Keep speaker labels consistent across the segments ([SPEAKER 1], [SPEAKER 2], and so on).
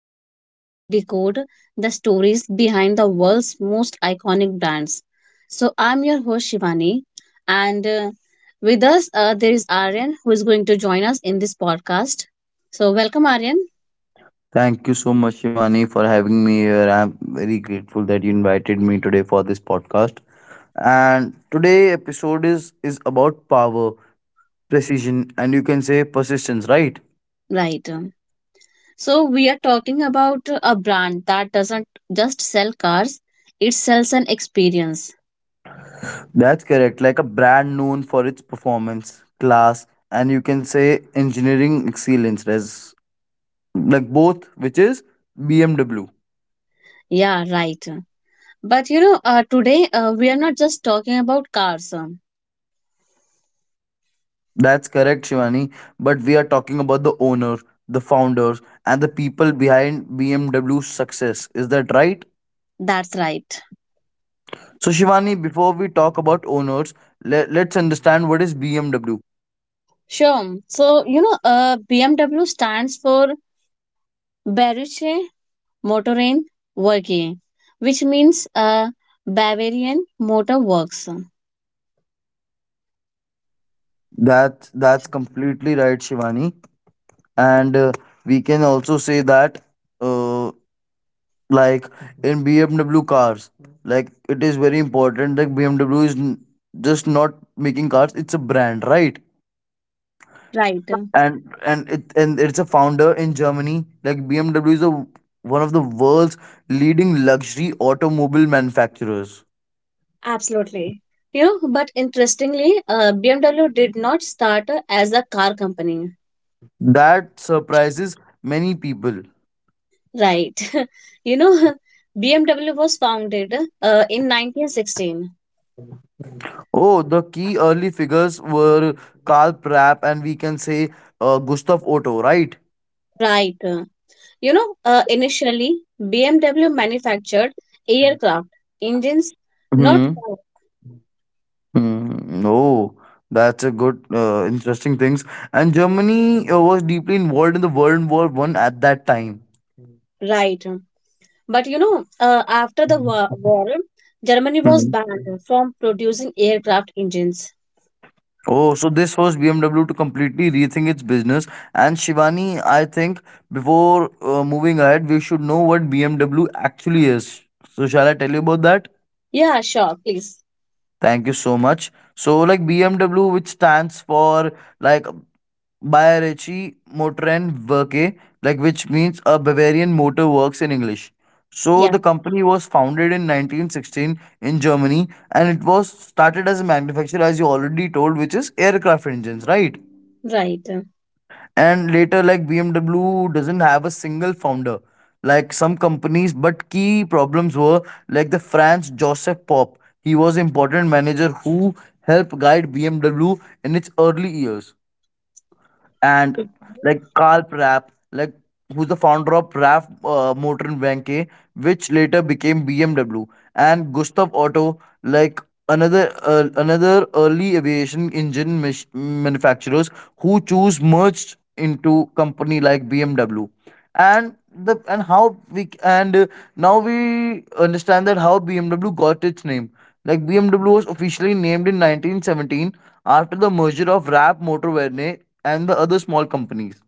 [SPEAKER 1] podcast where we decode the stories behind the world's most iconic brands. So, I'm your host Shivani, and with us there is Aryan who is going to join us in this podcast. So, welcome, Aryan.
[SPEAKER 2] thank you so much, Shivani, for having me here. I'm very grateful that you invited me today for this podcast. And today episode is about power, precision, and you can say persistence, right?
[SPEAKER 1] Right. So, we are talking about a brand that doesn't just sell cars; it sells an experience.
[SPEAKER 2] That's correct. Like a brand known for its performance, class, and you can say engineering excellence, as like both, which is BMW.
[SPEAKER 1] Yeah, right. But today we are not just talking about cars.
[SPEAKER 2] That's correct, Shivani. But we are talking about the owner, the founders, and the people behind BMW's success. Is that right?
[SPEAKER 1] That's right.
[SPEAKER 2] So, Shivani, before we talk about owners, let's understand what is BMW.
[SPEAKER 1] Sure. So, BMW stands for Bayerische Motoren Werke, which means Bavarian Motor Works.
[SPEAKER 2] That's completely right, Shivani. And we can also say that, uh, like in BMW cars, like it is very important that BMW is just not making cars; it's a brand, right?
[SPEAKER 1] Right.
[SPEAKER 2] And it's a founder in Germany. Like BMW is one of the world's leading luxury automobile manufacturers.
[SPEAKER 1] Absolutely. But interestingly, BMW did not start as a car company.
[SPEAKER 2] That surprises many people.
[SPEAKER 1] Right. you know, BMW was founded in 1916.
[SPEAKER 2] Oh, the key early figures were Karl Prapp and we can say Gustav Otto, right?
[SPEAKER 1] Right. Initially, BMW manufactured aircraft engines, not
[SPEAKER 2] Hmm.
[SPEAKER 1] cars,
[SPEAKER 2] Mm, no, that's a good, interesting things. And Germany was deeply involved in the World War One at that time.
[SPEAKER 1] right. But after the
[SPEAKER 2] Hmm.
[SPEAKER 1] war, Germany was banned from producing aircraft engines.
[SPEAKER 2] Oh, so this was BMW to completely rethink its business. And Shivani, I think before moving ahead, we should know what BMW actually is. So shall I tell you about that?
[SPEAKER 1] Yeah, sure, please.
[SPEAKER 2] Thank you so much. So, like BMW, which stands for like Bayerische Motorenwerke, like which means a Bavarian motor works in English. So,
[SPEAKER 1] Yeah,
[SPEAKER 2] the company was founded in 1916 in Germany and it was started as a manufacturer, as you already told, which is aircraft engines, right?
[SPEAKER 1] right,
[SPEAKER 2] And later, like BMW doesn't have a single founder like some companies, but key problems were like the Franz Joseph Pop, he was important manager who helped guide BMW in its early years. And like Karl Prapp, like who's the founder of Prapp Motorenwerke, which later became BMW, and Gustav Otto, like another early aviation engine manufacturers who choose merged into company like BMW, and the and how we c- and now we understand that how BMW got its name. Like BMW was officially named in 1917 after the merger of Rap Motorvene and the other small companies.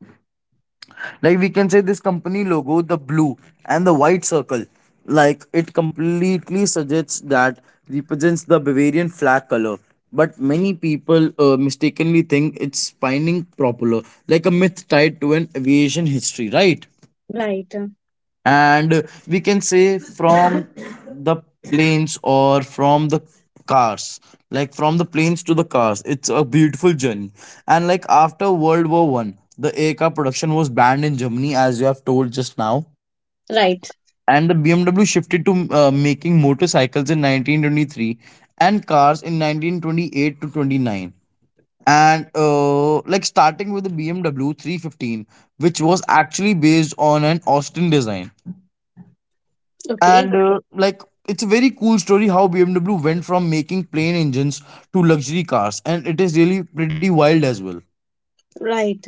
[SPEAKER 2] Like we can say this company logo, the blue and the white circle, like it completely suggests that represents the Bavarian flag color. But many people mistakenly think it's spinning propeller, like a myth tied to an aviation history, right?
[SPEAKER 1] right,
[SPEAKER 2] And we can say from the planes or from the cars, like from the planes to the cars, it's a beautiful journey. And like after World War I, the a car production was banned in Germany, as you have told just now.
[SPEAKER 1] right.
[SPEAKER 2] And the BMW shifted to making motorcycles in 1923, and cars in 1928 to 29, and like starting with the BMW 315, which was actually based on an Austin design. and
[SPEAKER 1] Okay,
[SPEAKER 2] uh, like it's a very cool story how BMW went from making plain engines to luxury cars, and it is really pretty wild as well.
[SPEAKER 1] right.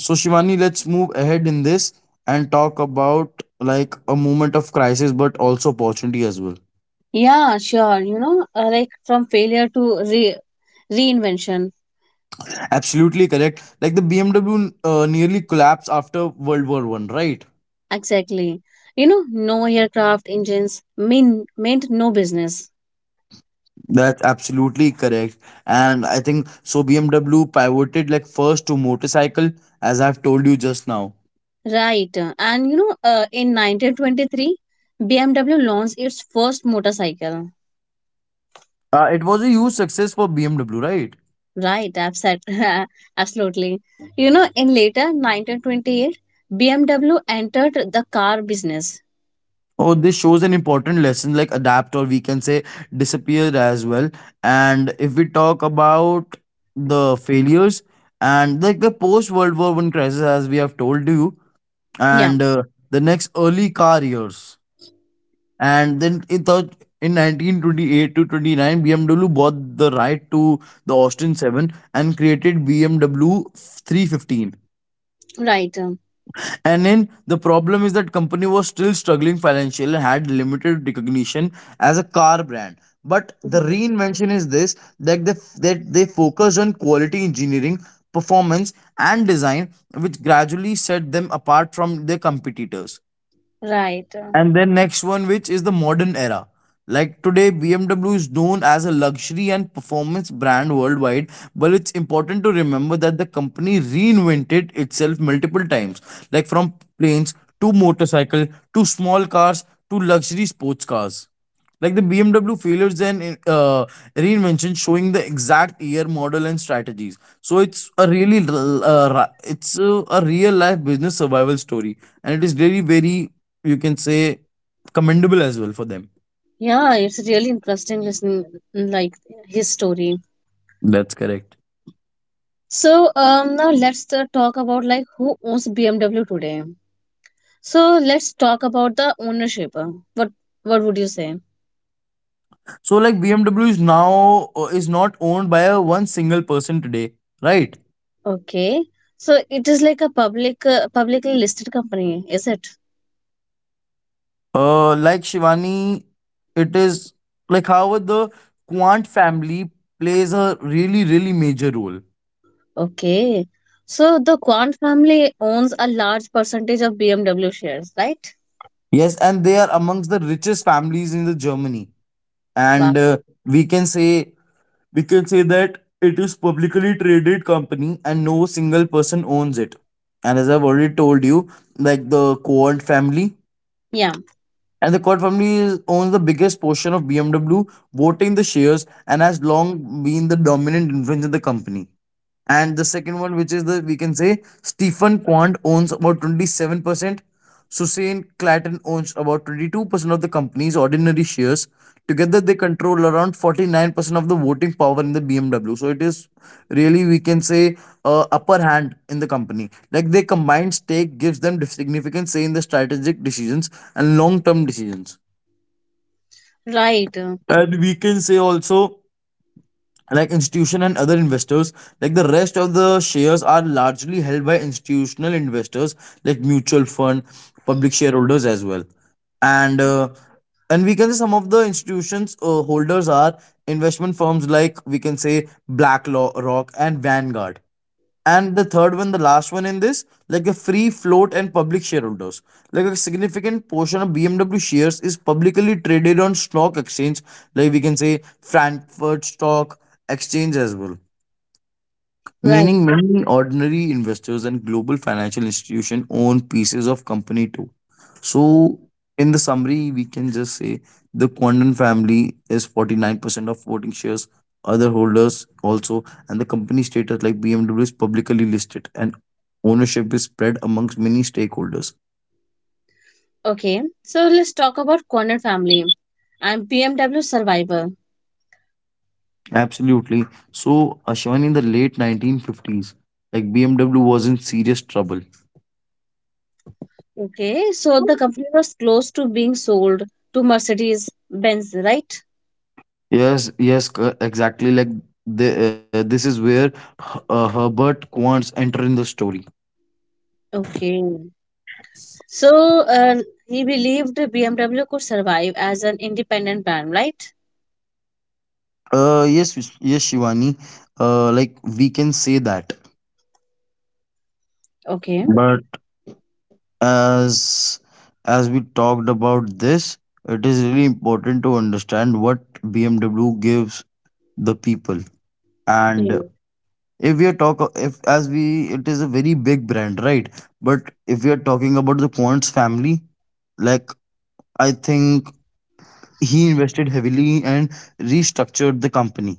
[SPEAKER 2] So, Shivani, let's move ahead in this and talk about like a moment of crisis but also opportunity as well.
[SPEAKER 1] Yeah, sure. Like from failure to re reinvention.
[SPEAKER 2] Absolutely correct. Like the BMW nearly collapsed after World War I, right?
[SPEAKER 1] Exactly. No aircraft engines meant no business.
[SPEAKER 2] That's absolutely correct. And I think so BMW pivoted, like first to motorcycle, as I've told you just now.
[SPEAKER 1] Right. And in 1923, BMW launched its first motorcycle.
[SPEAKER 2] It was a huge success for BMW, right?
[SPEAKER 1] Right, absent. Absolutely. You know, in later 1928, BMW entered the car business.
[SPEAKER 2] Oh, this shows an important lesson, like adapt or we can say disappear as well. And if we talk about the failures, and like the post World War One crisis, as we have told you,
[SPEAKER 1] Yeah,
[SPEAKER 2] and the next early car years, and then in third. In 1928 to 29, BMW bought the right to the Austin 7 and created BMW 315.
[SPEAKER 1] right. um,
[SPEAKER 2] And then the problem is that company was still struggling financially and had limited recognition as a car brand. But the
[SPEAKER 1] Right.
[SPEAKER 2] reinvention is this that they focused on quality engineering, performance, and design, which gradually set them apart from their competitors.
[SPEAKER 1] Right.
[SPEAKER 2] And then next one, which is the modern era. Like today, BMW is known as a luxury and performance brand worldwide, but it's important to remember that the company reinvented itself multiple times, like from planes to motorcycle to small cars to luxury sports cars. Like the BMW failures and reinvention, showing the exact year, model, and strategies. So it's a really, it's a real life business survival story, and it is really very, you can say, commendable as well for them.
[SPEAKER 1] Yeah, it's really interesting listening like his story.
[SPEAKER 2] That's correct.
[SPEAKER 1] So, now let's talk about like who owns BMW today. So, let's talk about the ownership. What would you say?
[SPEAKER 2] So like BMW is now is not owned by a one single person today, right?
[SPEAKER 1] Okay. So it is like a publicly listed company, is it?
[SPEAKER 2] Like, Shivani, it is like however the Quant family plays a really, really major role.
[SPEAKER 1] Okay. So the Quant family owns a large percentage of BMW shares, right?
[SPEAKER 2] Yes, and they are amongst the richest families in the germany.
[SPEAKER 1] Wow.
[SPEAKER 2] And we can say we can say that it is publicly traded company and no single person owns it. And as I've already told you, like the Quant family,
[SPEAKER 1] Yeah.
[SPEAKER 2] and the Quant family owns the biggest portion of BMW voting the shares and has long been the dominant influence in the company. And the second one, which is the we can say Stephen Quant owns about 27%. Susan Clatton owns about 22% of the company's ordinary shares. Together, they control around 49% of the voting power in the BMW. So it is really, we can say, upper hand in the company. Like their combined stake gives them significant say in the strategic decisions and long term decisions.
[SPEAKER 1] Right.
[SPEAKER 2] And we can say also, like institution and other investors, like the rest of the shares are largely held by institutional investors, like mutual fund, public shareholders as well. And and we can say some of the institutions holders are investment firms, like we can say BlackRock and Vanguard. And the third one, the last one in this, like a free float and public shareholders, like a significant portion of BMW shares is publicly traded on stock exchange, like we can say Frankfurt Stock Exchange as well,
[SPEAKER 1] Right.
[SPEAKER 2] meaning many ordinary investors and global financial institutions own pieces of company too. So, in the summary, we can just say the Quandan family is 49% of voting shares, other holders also, and the company status, like BMW is publicly listed and ownership is spread amongst many stakeholders.
[SPEAKER 1] Okay. So let's talk about Quant family and BMW survival.
[SPEAKER 2] Absolutely. So, Ashwani, in the late 1950s, like BMW was in serious trouble.
[SPEAKER 1] Okay. So the company was close to being sold to Mercedes-Benz, right?
[SPEAKER 2] Yes, yes, exactly. Like this is where Herbert Quants enter in the story.
[SPEAKER 1] Okay. So he believed BMW could survive as an independent brand, right?
[SPEAKER 2] Yes, yes, Shivani. Like we can say that.
[SPEAKER 1] Okay.
[SPEAKER 2] But as as we talked about this, it is really important to understand what BMW gives the people. And
[SPEAKER 1] Mm.
[SPEAKER 2] if we are talk, if as we, it is a very big brand, right? But if we are talking about the Quants family, like I think he invested heavily and restructured the company.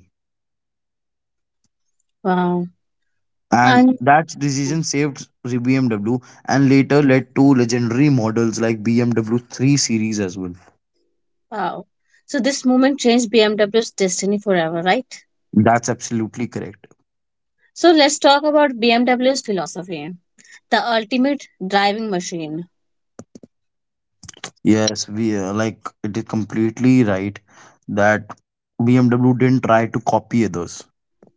[SPEAKER 1] Wow.
[SPEAKER 2] And
[SPEAKER 1] And
[SPEAKER 2] that decision saved BMW and later led to legendary models like BMW 3 Series as well.
[SPEAKER 1] wow. So this moment changed BMW's destiny forever, right?
[SPEAKER 2] That's absolutely correct.
[SPEAKER 1] So let's talk about BMW's philosophy, the ultimate driving machine,
[SPEAKER 2] Yes, we like it is completely right that BMW didn't try to copy others.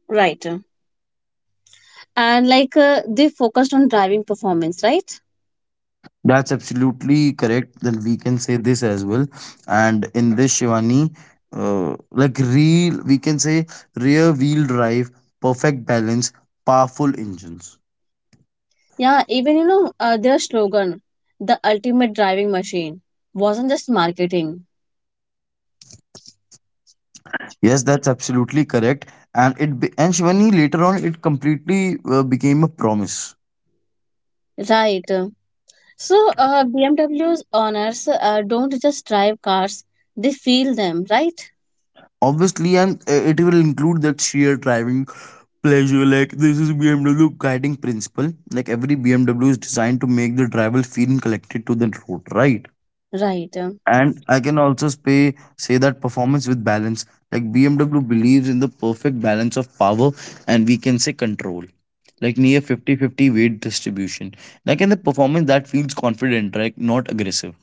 [SPEAKER 1] right? And they focused on driving performance, right?
[SPEAKER 2] That's absolutely correct. Then we can say this as well. And in this, Shivani, like we can say rear wheel drive, perfect balance, powerful engines.
[SPEAKER 1] Yeah, even their slogan, the ultimate driving machine, wasn't just marketing,
[SPEAKER 2] Yes, that's absolutely correct. And Shivani later on it completely became a promise.
[SPEAKER 1] right? So BMW's owners don't just drive cars, they feel them, right?
[SPEAKER 2] Obviously, and it will include that sheer driving pleasure. Like this is BMW guiding principle. Like every BMW is designed to make the driver feel connected to the road, right?
[SPEAKER 1] Right.
[SPEAKER 2] And I can also say that performance with balance. Like BMW believes in the perfect balance of power and we can say control. Like near 50-50 weight distribution. Like in the performance that feels confident, right? Not aggressive.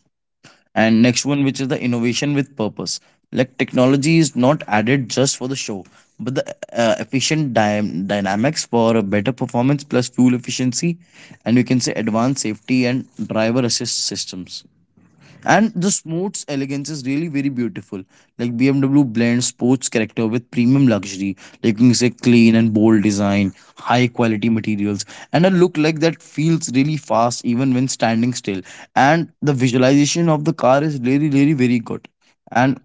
[SPEAKER 2] And next one, which is the innovation with purpose. Like technology is not added just for the show, but the efficient dynamics for a better performance plus fuel efficiency, and we can say advanced safety and driver assist systems. And the sports elegance is really very beautiful. Like BMW blends sports character with premium luxury. Like you can say clean and bold design, high quality materials, and a look like that feels really fast even when standing still. And the visualization of the car is really, really very good. And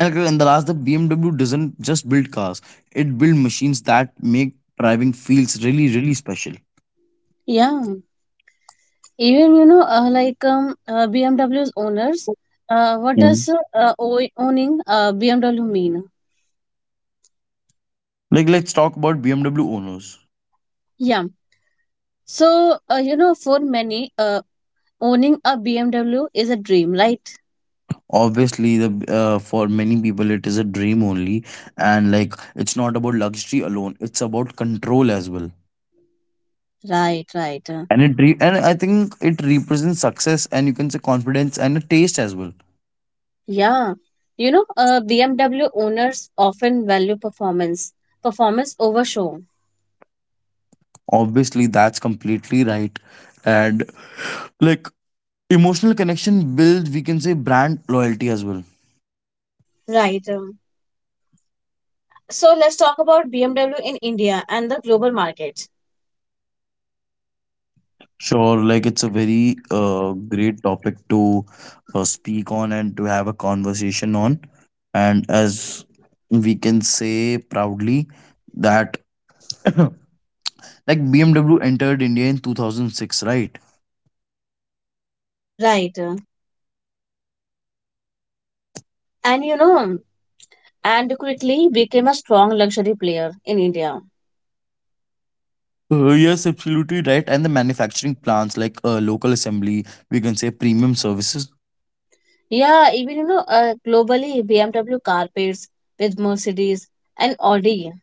[SPEAKER 2] and like, in the last, the BMW doesn't just build cars; it builds machines that make driving feels really, really special.
[SPEAKER 1] Yeah. Even BMW's owners uh, what
[SPEAKER 2] Mm.
[SPEAKER 1] does uh, ow- owning uh, BMW mean?
[SPEAKER 2] Like let's talk about BMW owners.
[SPEAKER 1] Yeah. So for many, owning a BMW is a dream, right?
[SPEAKER 2] Obviously, the for many people it is a dream only. And like it's not about luxury alone; it's about control as well.
[SPEAKER 1] right right uh,
[SPEAKER 2] And I think it represents success, and you can say confidence and a taste as well.
[SPEAKER 1] yeah BMW owners often value performance over show,
[SPEAKER 2] Obviously, that's completely right. And like emotional connection builds, we can say brand loyalty as well.
[SPEAKER 1] right? So let's talk about BMW in India and the global market,
[SPEAKER 2] Sure, like it's a very great topic to speak on and to have a conversation on. And as we can say proudly that like BMW entered India in 2006, right?
[SPEAKER 1] right? And you know and quickly became a strong luxury player in India.
[SPEAKER 2] Yes, absolutely right. And the manufacturing plants like local assembly, we can say premium services.
[SPEAKER 1] Yeah, even globally, BMW car pairs with Mercedes and Audi.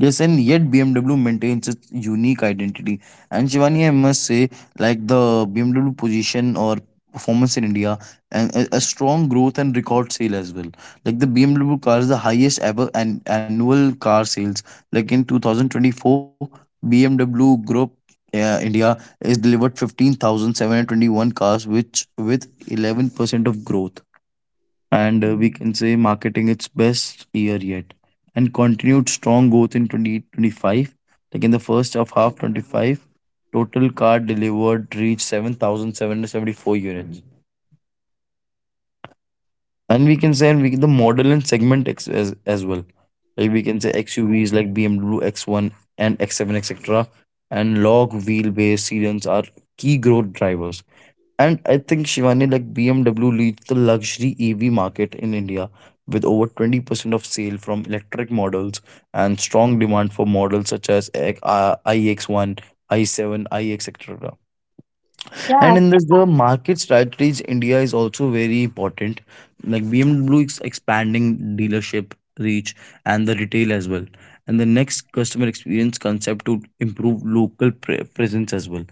[SPEAKER 2] Yes, and yet BMW maintains its unique identity. And Shivani, I must say, like the BMW position or performance in India, and a strong growth and record sale as well. Like the BMW cars, the highest ever and annual car sales. Like in 2024, BMW Group India is delivered 15,721 cars, which with 11% of growth, and we can say marketing its best year yet and continued strong growth in 2025, like in the first of half 25, total car delivered reached 7,774 units. And we can say, and we, the model and segment as well, like we can say XUVs like BMW X1 and X7, etc., and log wheelbase sedans are key growth drivers. And I think Shivani, like BMW leads the luxury EV market in India with over 20% of sale from electric models and strong demand for models such as I iX1, i7, iX, etc.
[SPEAKER 1] Yeah,
[SPEAKER 2] And in this, the market strategies India is also very important. Like BMW is expanding dealership reach and the retail as well. And the next customer experience concept to improve local presence as well.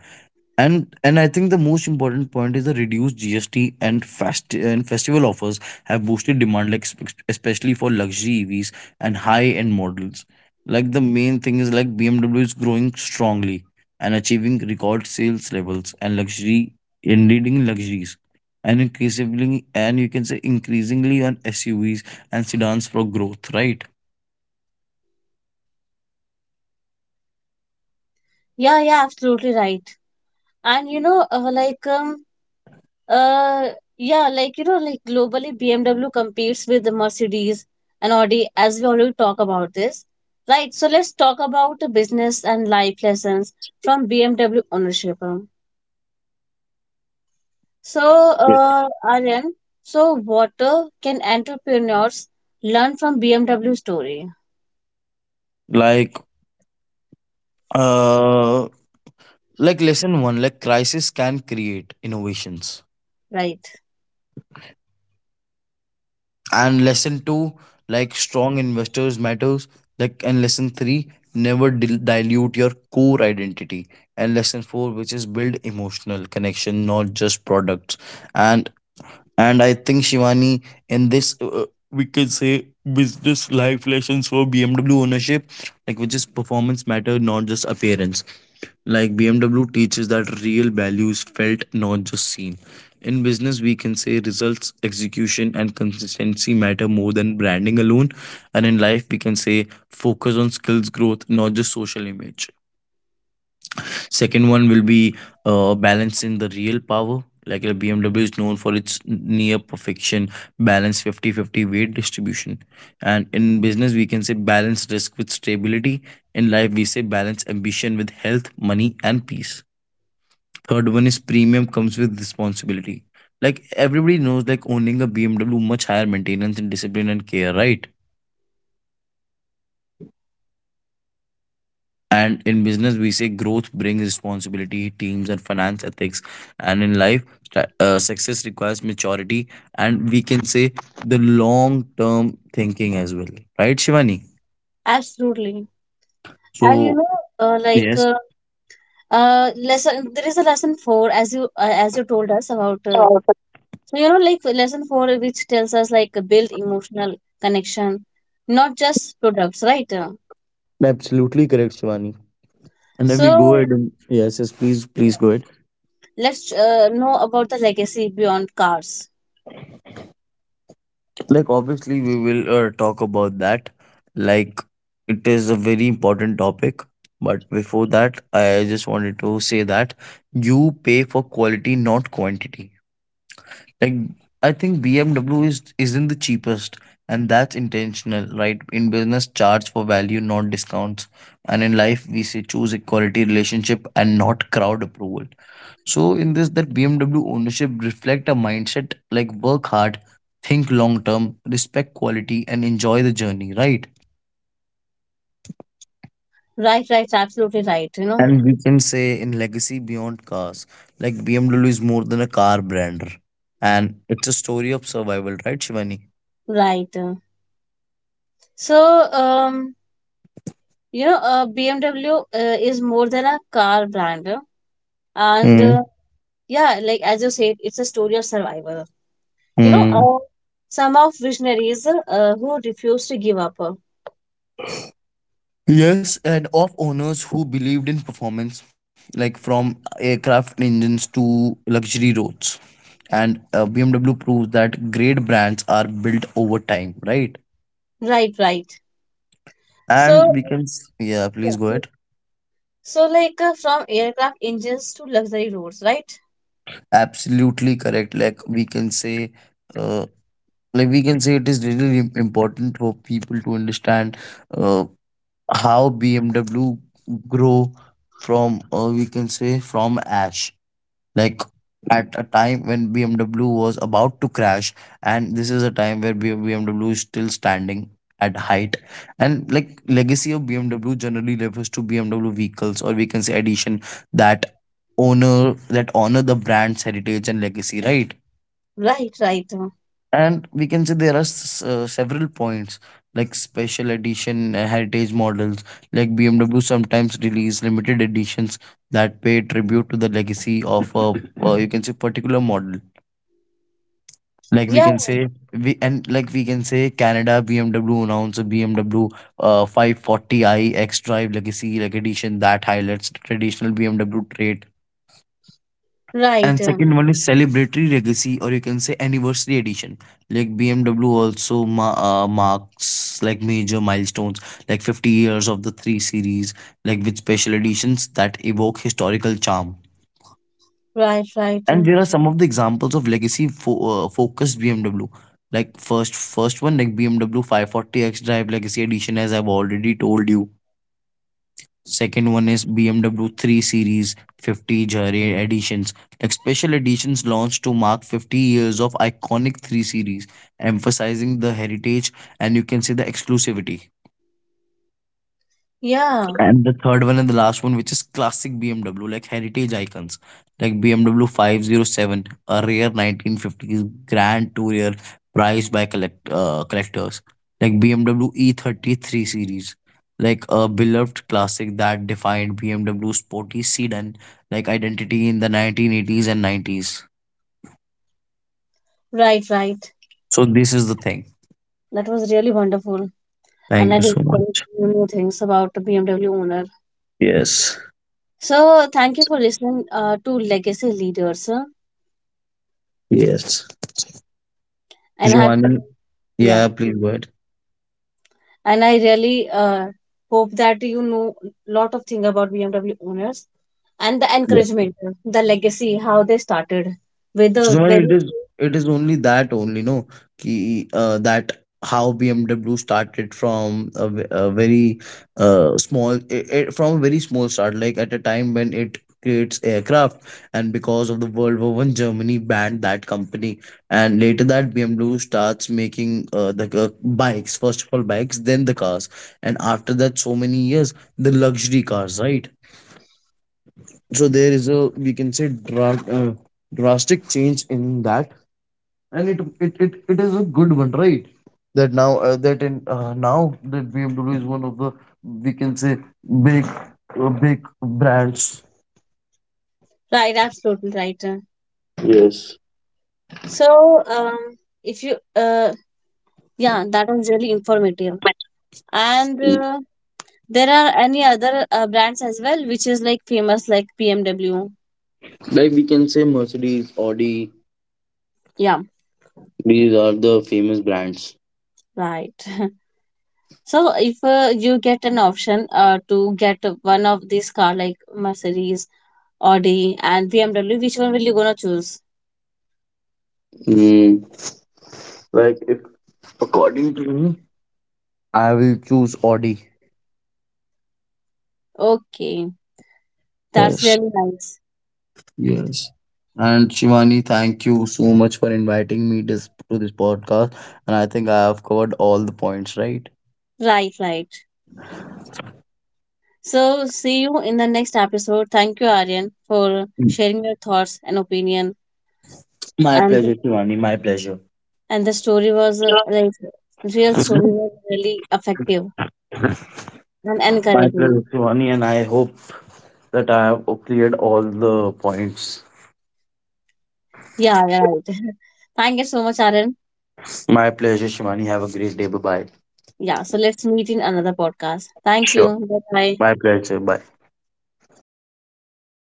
[SPEAKER 2] And I think the most important point is the reduced GST and fast and festival offers have boosted demand, like especially for luxury EVs and high end models. Like the main thing is like BMW is growing strongly and achieving record sales levels and luxury in leading luxuries, and increasingly and you can say increasingly on SUVs and sedans for growth, right?
[SPEAKER 1] yeah, yeah, absolutely right. And you know, like, uh, yeah, like you know, like globally, BMW competes with the Mercedes and Audi, as we already talk about this, right? So let's talk about the business and life lessons from BMW ownership. So,
[SPEAKER 2] Yeah.
[SPEAKER 1] Aryan, so what can entrepreneurs learn from BMW story,
[SPEAKER 2] Like uh, like lesson one, like crisis can create innovations.
[SPEAKER 1] right?
[SPEAKER 2] And lesson two, like strong investors matters, like, and lesson three, never dilute your core identity. And lesson four, which is build emotional connection, not just products. And and I think Shivani, in this, we could say business life lessons for BMW ownership, like which is performance matter, not just appearance. Like BMW teaches that real value is felt, not just seen. In business, we can say results, execution, and consistency matter more than branding alone. And in life, we can say focus on skills growth, not just social image. Second one will be balance in the real power. Like BMW is known for its near perfection balance fifty-fifty weight distribution. And in business, we can say balance risk with stability. In life, we say balance ambition with health, money, and peace. Third one is premium comes with responsibility. Like everybody knows, like owning a BMW much higher maintenance and discipline and care, right? And in business, we say growth brings responsibility, teams, and finance ethics. And in life, success requires maturity, and we can say the long term thinking as well, right, Shivani?
[SPEAKER 1] Absolutely. And you
[SPEAKER 2] So,
[SPEAKER 1] know, like
[SPEAKER 2] yes,
[SPEAKER 1] lesson. There is a lesson four, as you as you told us about. Like lesson four, which tells us like build emotional connection, not just products, right? Uh,
[SPEAKER 2] absolutely correct, Shivani. And then we go
[SPEAKER 1] So
[SPEAKER 2] ahead, and yes, yes, please,
[SPEAKER 1] yeah.
[SPEAKER 2] please go ahead.
[SPEAKER 1] Let's know about the legacy beyond cars.
[SPEAKER 2] Like, obviously, we will talk about that. Like, it is a very important topic. But before that, I just wanted to say that you pay for quality, not quantity. Like I think BMW is isn't the cheapest, and that's intentional, right? In business, charge for value, not discounts, and in life, we say choose equality, relationship, and not crowd approval. So in this, that BMW ownership reflect a mindset like work hard, think long term, respect quality, and enjoy the journey, right?
[SPEAKER 1] Right, right, absolutely right. You know,
[SPEAKER 2] And we can say in legacy beyond cars, like BMW is more than a car brand, and it's a story of survival, right, Shivani?
[SPEAKER 1] right. So um, BMW is more than a car brand, and yeah, like as you said, it's a story of survival. you know
[SPEAKER 2] Hmm.
[SPEAKER 1] uh, some of visionaries who refuse to give up.
[SPEAKER 2] Yes, and of owners who believed in performance, like from aircraft engines to luxury roads. And BMW proves that great brands are built over time, right?
[SPEAKER 1] Right, right.
[SPEAKER 2] And
[SPEAKER 1] so
[SPEAKER 2] we can, s- Yeah, please go ahead.
[SPEAKER 1] so like uh, from aircraft engines to luxury roads, right?
[SPEAKER 2] Absolutely correct. Like we can say, uh, like we can say it is really important for people to understand uh, how BMW grow from, we can say, from ash, like at a time when BMW was about to crash, and this is a time where BMW is still standing at height. And like legacy of BMW generally refers to BMW vehicles, or we can say addition that that honor the brand's heritage and legacy, right?
[SPEAKER 1] Right, right.
[SPEAKER 2] And we can say there are several points, like special edition heritage models. Like BMW sometimes release limited editions that pay tribute to the legacy of a, you can say, particular model. Like
[SPEAKER 1] Yeah
[SPEAKER 2] we can say Canada BMW announced a BMW 540i X Drive Legacy like edition that highlights the traditional BMW trait.
[SPEAKER 1] right.
[SPEAKER 2] And second one is celebratory legacy, or you can say anniversary edition. Like BMW also marks like major milestones, like 50 years of the 3 Series, like with special editions that evoke historical charm.
[SPEAKER 1] Right, right.
[SPEAKER 2] And there are some of the examples of legacy focused BMW. Like first one like BMW 540 X Drive Legacy Edition, as I've already told you. Second one is BMW 3 Series 50 Jare editions, like special editions launched to mark 50 years of iconic 3 Series, emphasizing the heritage and, you can say, the exclusivity.
[SPEAKER 1] Yeah
[SPEAKER 2] And the third one and the last one, which is classic BMW, like heritage icons, like BMW 507, a rare 1950s Grand Tourer prized by collectors, like BMW E33 series, like a beloved classic that defined BMW sporty sedan like identity in the 1980s and 90s.
[SPEAKER 1] right, right.
[SPEAKER 2] So this is the thing.
[SPEAKER 1] That was really wonderful, and
[SPEAKER 2] Thank
[SPEAKER 1] I
[SPEAKER 2] you
[SPEAKER 1] did
[SPEAKER 2] so much.
[SPEAKER 1] learn new things about the BMW owner.
[SPEAKER 2] Yes.
[SPEAKER 1] So thank you for listening to Legacy leaders
[SPEAKER 2] Yes.
[SPEAKER 1] and have
[SPEAKER 2] Giovanni,
[SPEAKER 1] yeah
[SPEAKER 2] yeah, please go ahead.
[SPEAKER 1] and I really hope that you know lot of thing about BMW owners, and the encouragement, the legacy, how they started with the
[SPEAKER 2] Suman, it
[SPEAKER 1] very
[SPEAKER 2] is it is only that only no ki that how BMW started from a, ve- a very from a very small start, like at a time when it creates aircraft, and because of the World War I Germany banned that company. And later, that BMW starts making the bikes, first of all bikes, then the cars. And after that, so many years, the luxury cars, right? So there is a, we can say, drastic change in that. And it is a good one, right? that now that in Now that BMW is one of the, we can say, big big brands.
[SPEAKER 1] right, absolutely right.
[SPEAKER 2] Yes.
[SPEAKER 1] So um if you uh yeah, that was really informative, and there are any other brands as well which is like famous like BMW.
[SPEAKER 2] Like we can say Mercedes, Audi,
[SPEAKER 1] Yeah,
[SPEAKER 2] these are the famous brands.
[SPEAKER 1] right. So if you get an option to get one of these car like Mercedes, Audi and BMW, which one will you gonna choose?
[SPEAKER 2] Mm. Like if according to me, I will choose Audi.
[SPEAKER 1] Okay, that's
[SPEAKER 2] Yes.
[SPEAKER 1] really nice.
[SPEAKER 2] Yes. And Shivani, thank you so much for inviting me this to this podcast. And I think I have covered all the points, right?
[SPEAKER 1] Right, right. So see you in the next episode. Thank you, Aryan, for sharing your thoughts and opinion.
[SPEAKER 2] My
[SPEAKER 1] And
[SPEAKER 2] pleasure, Shivani. My pleasure.
[SPEAKER 1] and the story was real story
[SPEAKER 2] My
[SPEAKER 1] was really effective and
[SPEAKER 2] pleasure,
[SPEAKER 1] encouraging.
[SPEAKER 2] Shivani. And I hope that I have cleared all the points.
[SPEAKER 1] Yeah, yeah, right. Thank you so much, Aryan.
[SPEAKER 2] My pleasure, Shivani. Have a great day. Bye bye.
[SPEAKER 1] Yeah, so let's meet in another podcast. Thank
[SPEAKER 2] Sure.
[SPEAKER 1] you. Bye bye.
[SPEAKER 2] My pleasure. Bye.